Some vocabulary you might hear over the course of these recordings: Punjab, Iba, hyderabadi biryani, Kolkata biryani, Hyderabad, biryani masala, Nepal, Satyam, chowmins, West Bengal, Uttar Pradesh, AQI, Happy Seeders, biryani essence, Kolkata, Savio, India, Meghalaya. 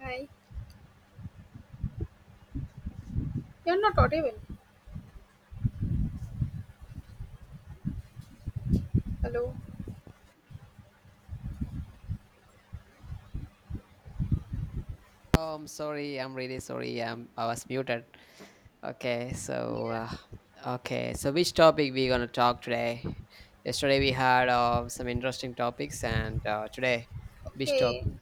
Hi. You're not audible. Hello. Oh, I'm sorry. I'm really sorry. I was muted. Okay, so Yeah. uh, okay, so which topic we gonna talk today? Yesterday we had some interesting topics, and today which Okay. topic?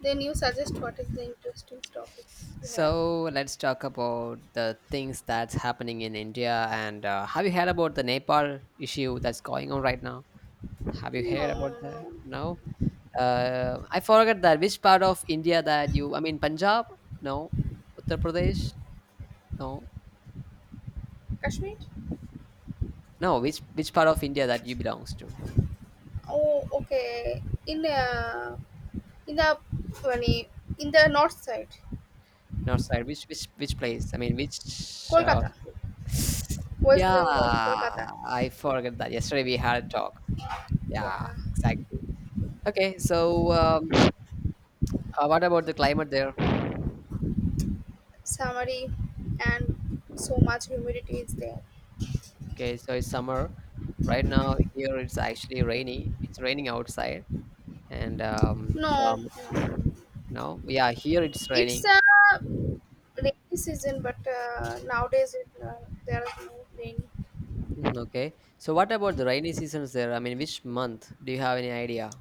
Then you suggest what is the interesting topic you have? So let's talk about the things that's happening in India. And have you heard about the Nepal issue that's going on right now? Have you No, heard about that? no. No. I forgot that which part of India that you. I mean, Punjab? No. Uttar Pradesh? No. Kashmir? No, which part of India that you belongs to? Oh, okay. In the yani, in the north side, North side. Which place? I mean, which? Kolkata, State? West Yeah, Bengal, Kolkata. I forgot that. Yesterday we had a talk. Yeah, Yeah. exactly. Okay, so what about the climate there? Summary and so much humidity is there. Okay, so it's summer. Right now here it's actually rainy. It's raining outside, and No, some no. no, yeah, here it's It's raining. a rainy season, but nowadays there is no rain. Okay, so what about the rainy seasons there? I mean, which month? Do you have any idea?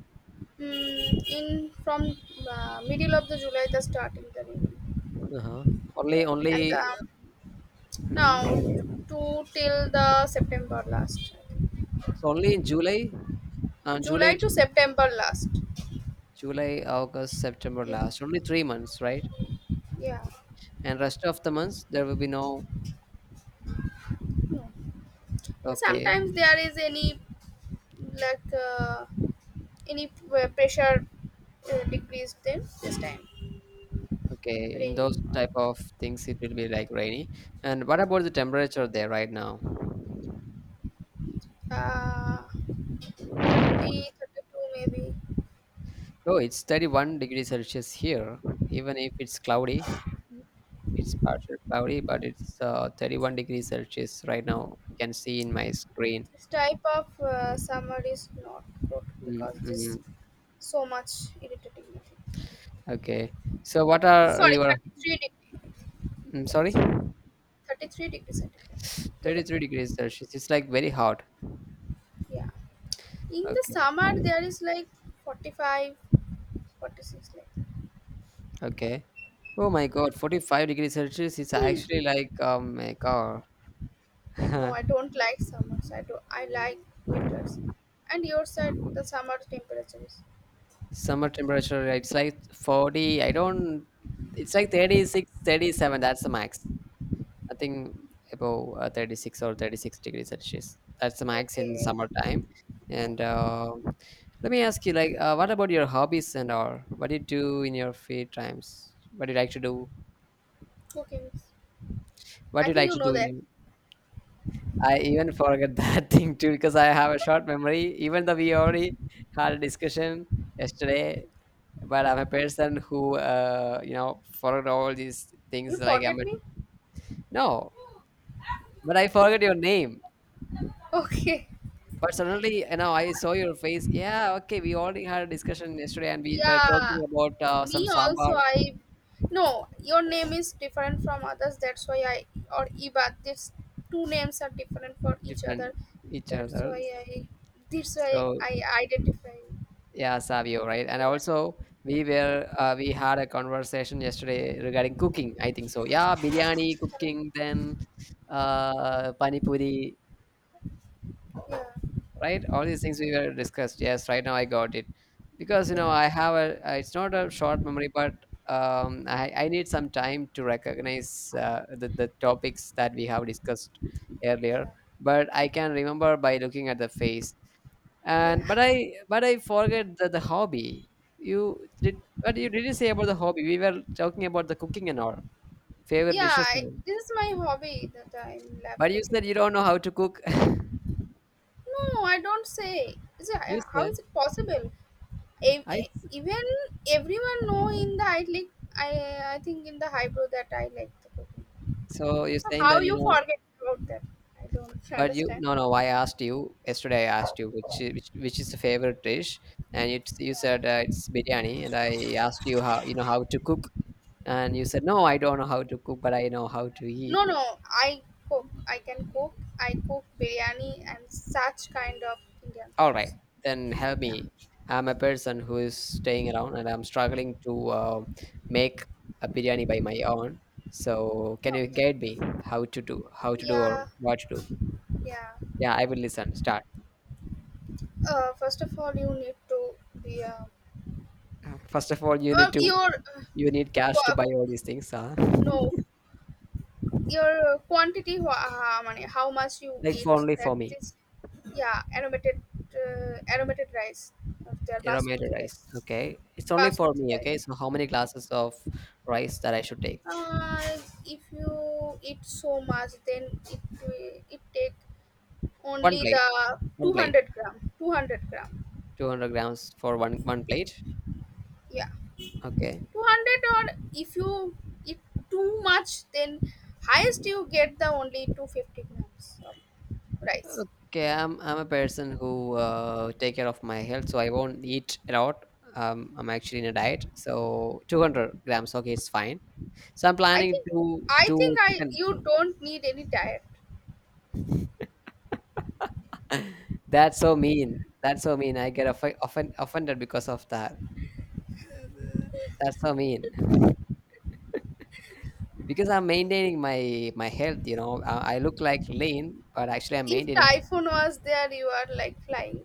In from middle of the July, the starting the rain Uh-huh. Only there, and only now Mhm. to till the September last. So only in July, uh, July, July t- to September last. July, August, September Mm, last. Only 3 months, right? yeah, And rest of the months there will be no. Okay, sometimes there is any like any pressure decrease then this time okay. In those raining. Type of things, it will be like rainy. And what about the temperature there right now? Yeah. 30, 32 maybe. Oh, it's 31 degrees Celsius here. Even if it's cloudy, it's partial cloudy, but it's 31 degrees Celsius right now. I can see in my screen. This type of summer is not good Mm, because mm. this so much irritating. Okay. So, what are Sorry, your 33 degree. Mm, Sorry, 33. 33-degree centigrade today. 33 degrees Celsius. It's like very hot. Yeah. In the Okay, summer, there is like 45, forty-six 46 like that. okay. Oh my God, 45 degrees Celsius is actually like oh my God, No, I don't like summers. I do. I like winters. And your side, the summer temperature is summer temperature. It's like 40. I don't. It's like 36, 37. That's the max. Nothing above 36 or 36 degrees Celsius. That's the max in okay. summertime. Okay. And let me ask you, like, what about your hobbies and all? What do you do in your free times? What do you like to do? Okay. Miss. What do I you think like you to know do. In that. your I even forget that thing too because I have a short memory. Even though we already had a discussion yesterday, but I'm a person who forgot all these things. You Like I'm forget a, me? no, but I forgot your name. Okay. But suddenly, I saw your face. Yeah, okay, we already had a discussion yesterday, and we were Yeah, talking about some me also. sambar I no, your name is different from others. That's why I or Iba. These two names are different for each other. different each That's other. why I. That's why So I identify yeah, Savio, right? And even. also, we had a conversation yesterday regarding cooking. I think so. Yeah, biryani, cooking, then pani puri, Yeah, right? All these things we were discussed. Yes, right now I got it because you know yeah, I have a. It's not a short memory, but I need some time to recognize the topics that we have discussed earlier. yeah, But I can remember by looking at the face, yeah, and but I forget the hobby. You did, but you did not say about the hobby? We were talking about the cooking and all favorite yeah. dishes, I, and all. this is my hobby that I love But you said cooking. you don't know how to cook. No, I don't say. Is it, You how said. is it possible? I s- Even everyone know in the I like I think in the highbrow that I like the cooking. so you're saying How that you you know. forget about that? I don't But you understand. no, no, I asked you yesterday. I asked you which I- which is the favorite dish, and you Yeah. said it's biryani, and I asked you how you know how to cook, and you said no, I don't know how to cook, but I know how to eat. No, no. I cook. I can cook. I cook biryani and such kind of Indian All right, foods. then help me. I'm a person who is staying around and I'm struggling to make a biryani by my own. So can Okay. you guide me how to do or Yeah, what to do? yeah. Yeah, I will listen. Start. First of all, you need to be a First of all, your you need cash to qua- buy all these things, huh? no your quantity money how much you Like, for eat only that for me, is yeah aromated aromated rice of their aromated basmati rice rice. Okay, it's only for basmati me. rice Okay, so how many glasses of rice that I should take? uh, if you eat so much, then it take One only plate. the One plate. 200 gram 200 gram, 200 grams for one plate. yeah, Okay. 200, or if you eat too much, then highest you get the only 250 grams of rice. Okay, I'm a person who take care of my health, so I won't eat a lot. I'm actually in a diet, so 200 grams. Okay, it's fine. So I'm I planning think to I do think I chicken. you don't need any diet. That's so mean. That's so mean. I get offended because of that. That's so mean. Because I'm maintaining my health. You know, I look like lean, but actually I'm If maintaining. typhoon was there, you are like flying,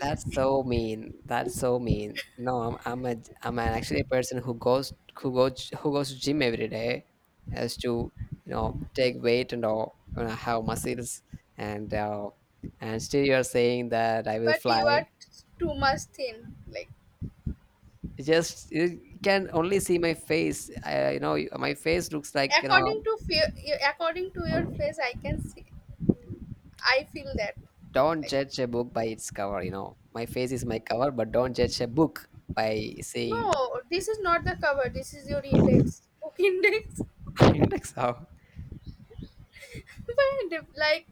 That's so mean. That's so mean. No, I'm an actually a person who goes to gym every day, as to take weight and all, have muscles, and and still you're saying that I will but you are fly. Too much thin. Like, It just you can only see my face. I, my face looks like. according to fear, according to your face, I can see. I feel that. Don't Like judge a book by its cover. My face is my cover, but don't judge a book by saying. no, this is not the cover. This is your index. Book index. So but if, like,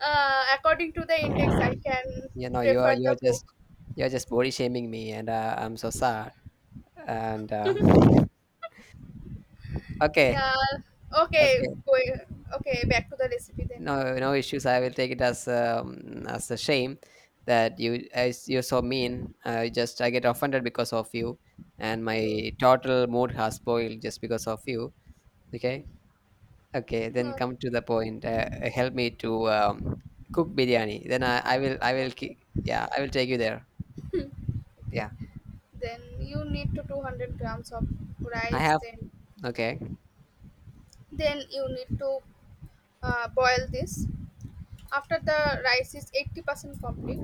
according to the index, I can you know you are prefer you're the just book. you're just body shaming me, and I'm so sad, and okay, yeah. Okay. okay. Going. Okay. Back to the recipe then. No, no issues. I will take it as a shame that you as you're so mean. I get offended because of you, and my total mood has spoiled just because of you. Okay. Okay, Mhm. then come to the point. Help me to cook biryani. Then Okay. yeah, I will take you there. Okay. Yeah, Then you need to 200 grams of I rice. have. Then Okay, then you need to boil this. After the rice is 80% complete,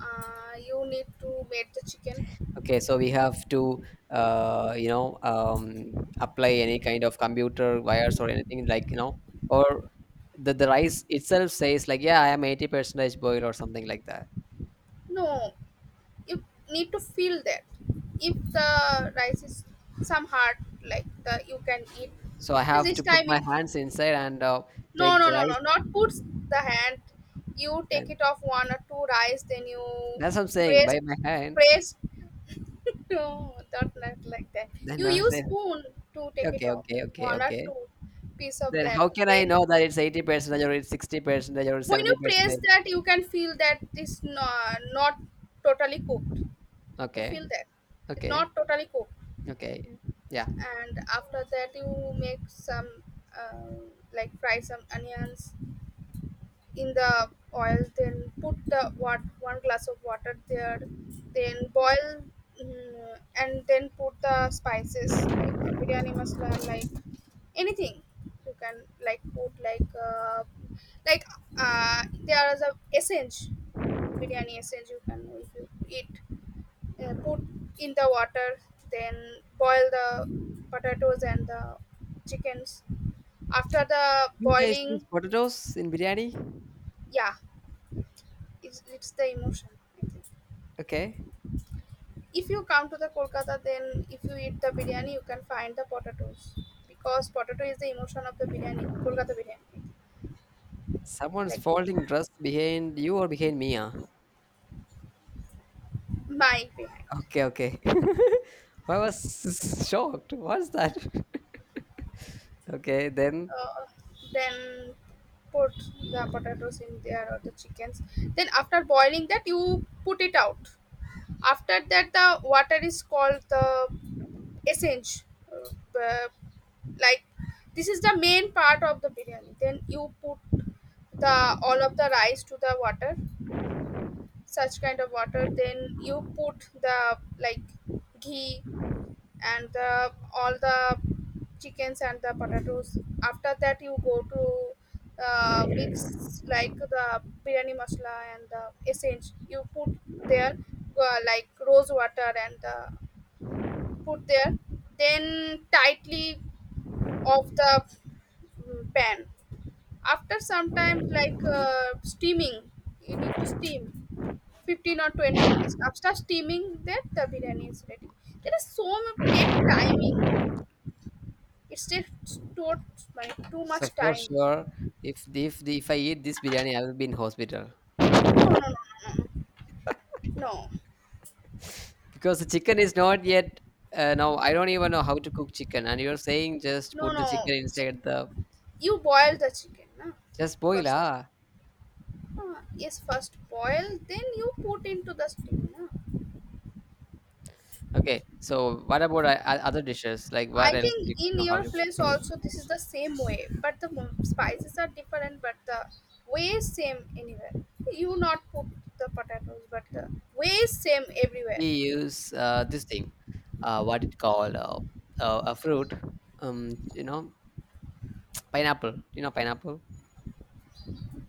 you need to make the chicken. okay. So we have to uh, you know um, apply any kind of computer wires or anything, like, or the rice itself says like yeah I am 80 percentage boiled or something like that. No, you need to feel that. If the rice is some hard, like the you can eat. So I have This to put time, my if hands inside and no, take the no, no, rice. no. Not puts the hand. You take Then it off one or two rice, then you that's what I'm saying press, by my hand. press. No, not like that. Then You I use say spoon to take it okay, off okay, okay, one or okay. two piece of Then that. how can I know Then that it's 80% or it's 60% or when you press 70%? that, you can feel that it's not totally cooked. You Okay, feel that it's okay, not totally cooked. okay. Yeah. And after that, you make some uh, like fry some onions in the oil, then put the what one glass of water there, then boil. And then put the spices like the biryani masala, like anything you can, like put, like like there is a essence, biryani essence you can, if you eat, put in the water, then boil the potatoes and the chickens after the You guys boiling. use potatoes in biryani? Yeah, it's the emotion, I think. Okay. If you come to the Kolkata, then if you eat the biryani, you can find the potatoes, because potato is the emotion of the biryani, Kolkata biryani. Someone's Like folding dress behind you or behind me? Huh? my behind. Okay, okay. I was shocked. What's that? Okay, then uh, then put the potatoes in there or the chickens, then after boiling that you put it out. After that, the water is called the essence, uh, uh, like this is the main part of the biryani, then you put the all of the rice to the water, such kind of water, then you put the like ghee and the all the chickens and the potatoes. After that, you go to mix like the biryani masala, and the essence you put there, like rose water and put there, then tightly off the pan. After some time, like steaming, you need to steam 15 or 20 minutes. After steaming that, the biryani is ready. There is so much take timing. It takes too, like, too so much for time. sure, if I eat this biryani, I will be in hospital No, no, no, no. No, because the chicken is not yet. Now I don't even know how to cook chicken, and you're saying just no, put no, the chicken no. Chi- inside the you boil the chicken na, just boil, first. ah. Ah, yes, first boil, then you put into the steam na. Okay. So what about other dishes? Like, what I else do you, think you in know how your you place cook? also this is the same way, but the spices are different, but the way is same anywhere. You not put the potatoes, but the way is same everywhere. We use this thing, what it called, a fruit. Um, you know, Pineapple. You know, pineapple.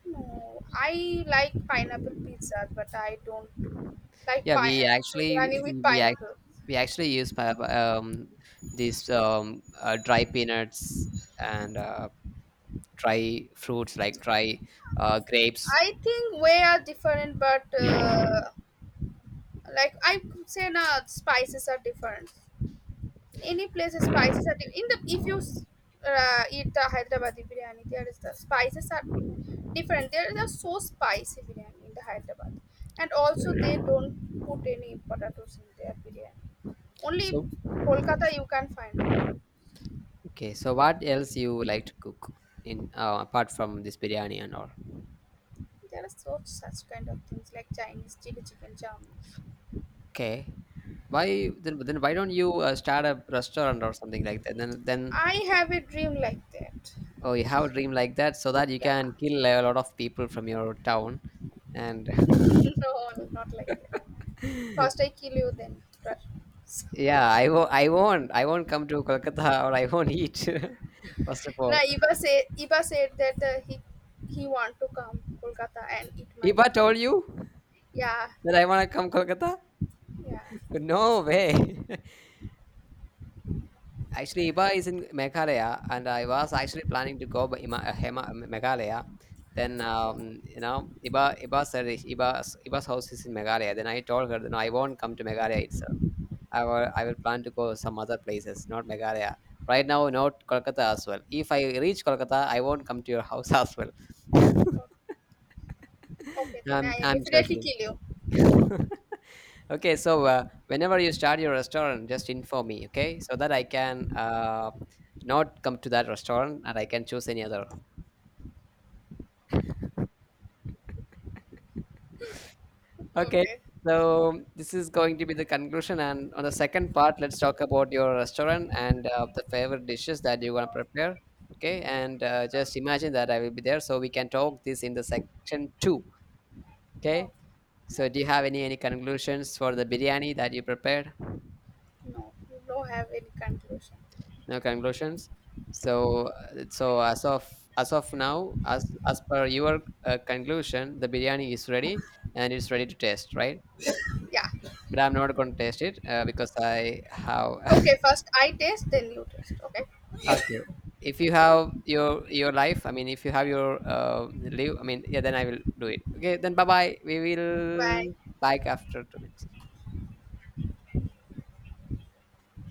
No, I like pineapple pizza, but I don't like Yeah, pine biryani with pineapple. we actually use these dry peanuts, and dry fruits like dry grapes. I think way are different, but like I could say, na spices are different. In any place the spices are in the if you s- eat the Hyderabadi biryani, there is the spices are different. There is a so spicy biryani in the Hyderabad, and also they don't put any potatoes in their biryani. Only So, Kolkata you can find the potato. okay. So what else you like to cook in apart from this biryani and all? There are so such kind of things, like Chinese chili chicken chowmins. Okay. Why then? Then why don't you start a restaurant or something like that? Then I have a dream like that. oh, you have a dream like that so that you Yeah. can kill a lot of people from your town. And no, not like that. First I kill you then, trust. yeah, I won't. I won't. I won't come to Kolkata or I won't eat. First of No, all, Iba said that he want to come Kolkata and eat if my. I told you Yeah, that I want to come Kolkata, yeah, no way. Actually, Iba is in Meghalaya, and I was actually planning to go by Ima, Hema, Meghalaya. Then, yeah. Iba said Iba's house is in Meghalaya. Then I told her that no, I won't come to Meghalaya itself. I will plan to go some other places, not Meghalaya. Right now, not Kolkata as well. If I reach Kolkata, I won't come to your house as well. O- Okay, then I'm, I I'm definitely joking. kill you. Okay, so whenever you start your restaurant, just inform me, okay, so that I can not come to that restaurant, and I can choose any other. Okay, Okay, so this is going to be the conclusion. And on the second part, let's talk about your restaurant and the favorite dishes that you want to okay, prepare. Okay, and just imagine that I will be there, so we can talk this in the section two. okay, Okay, so do you okay. have any conclusions for the biryani that you prepared? No, you don't have any conclusion. No conclusions, so as of now, as per your conclusion, the biryani is ready, and it's ready to taste, right? Yeah. But I'm not going to taste it because I have. Okay, first I taste, then you taste. Okay. Okay, if you have your life, I mean, if you have your uh, live, I mean, yeah, then I will do it. Okay, then bye bye, we will Bye. bike after 2 minutes.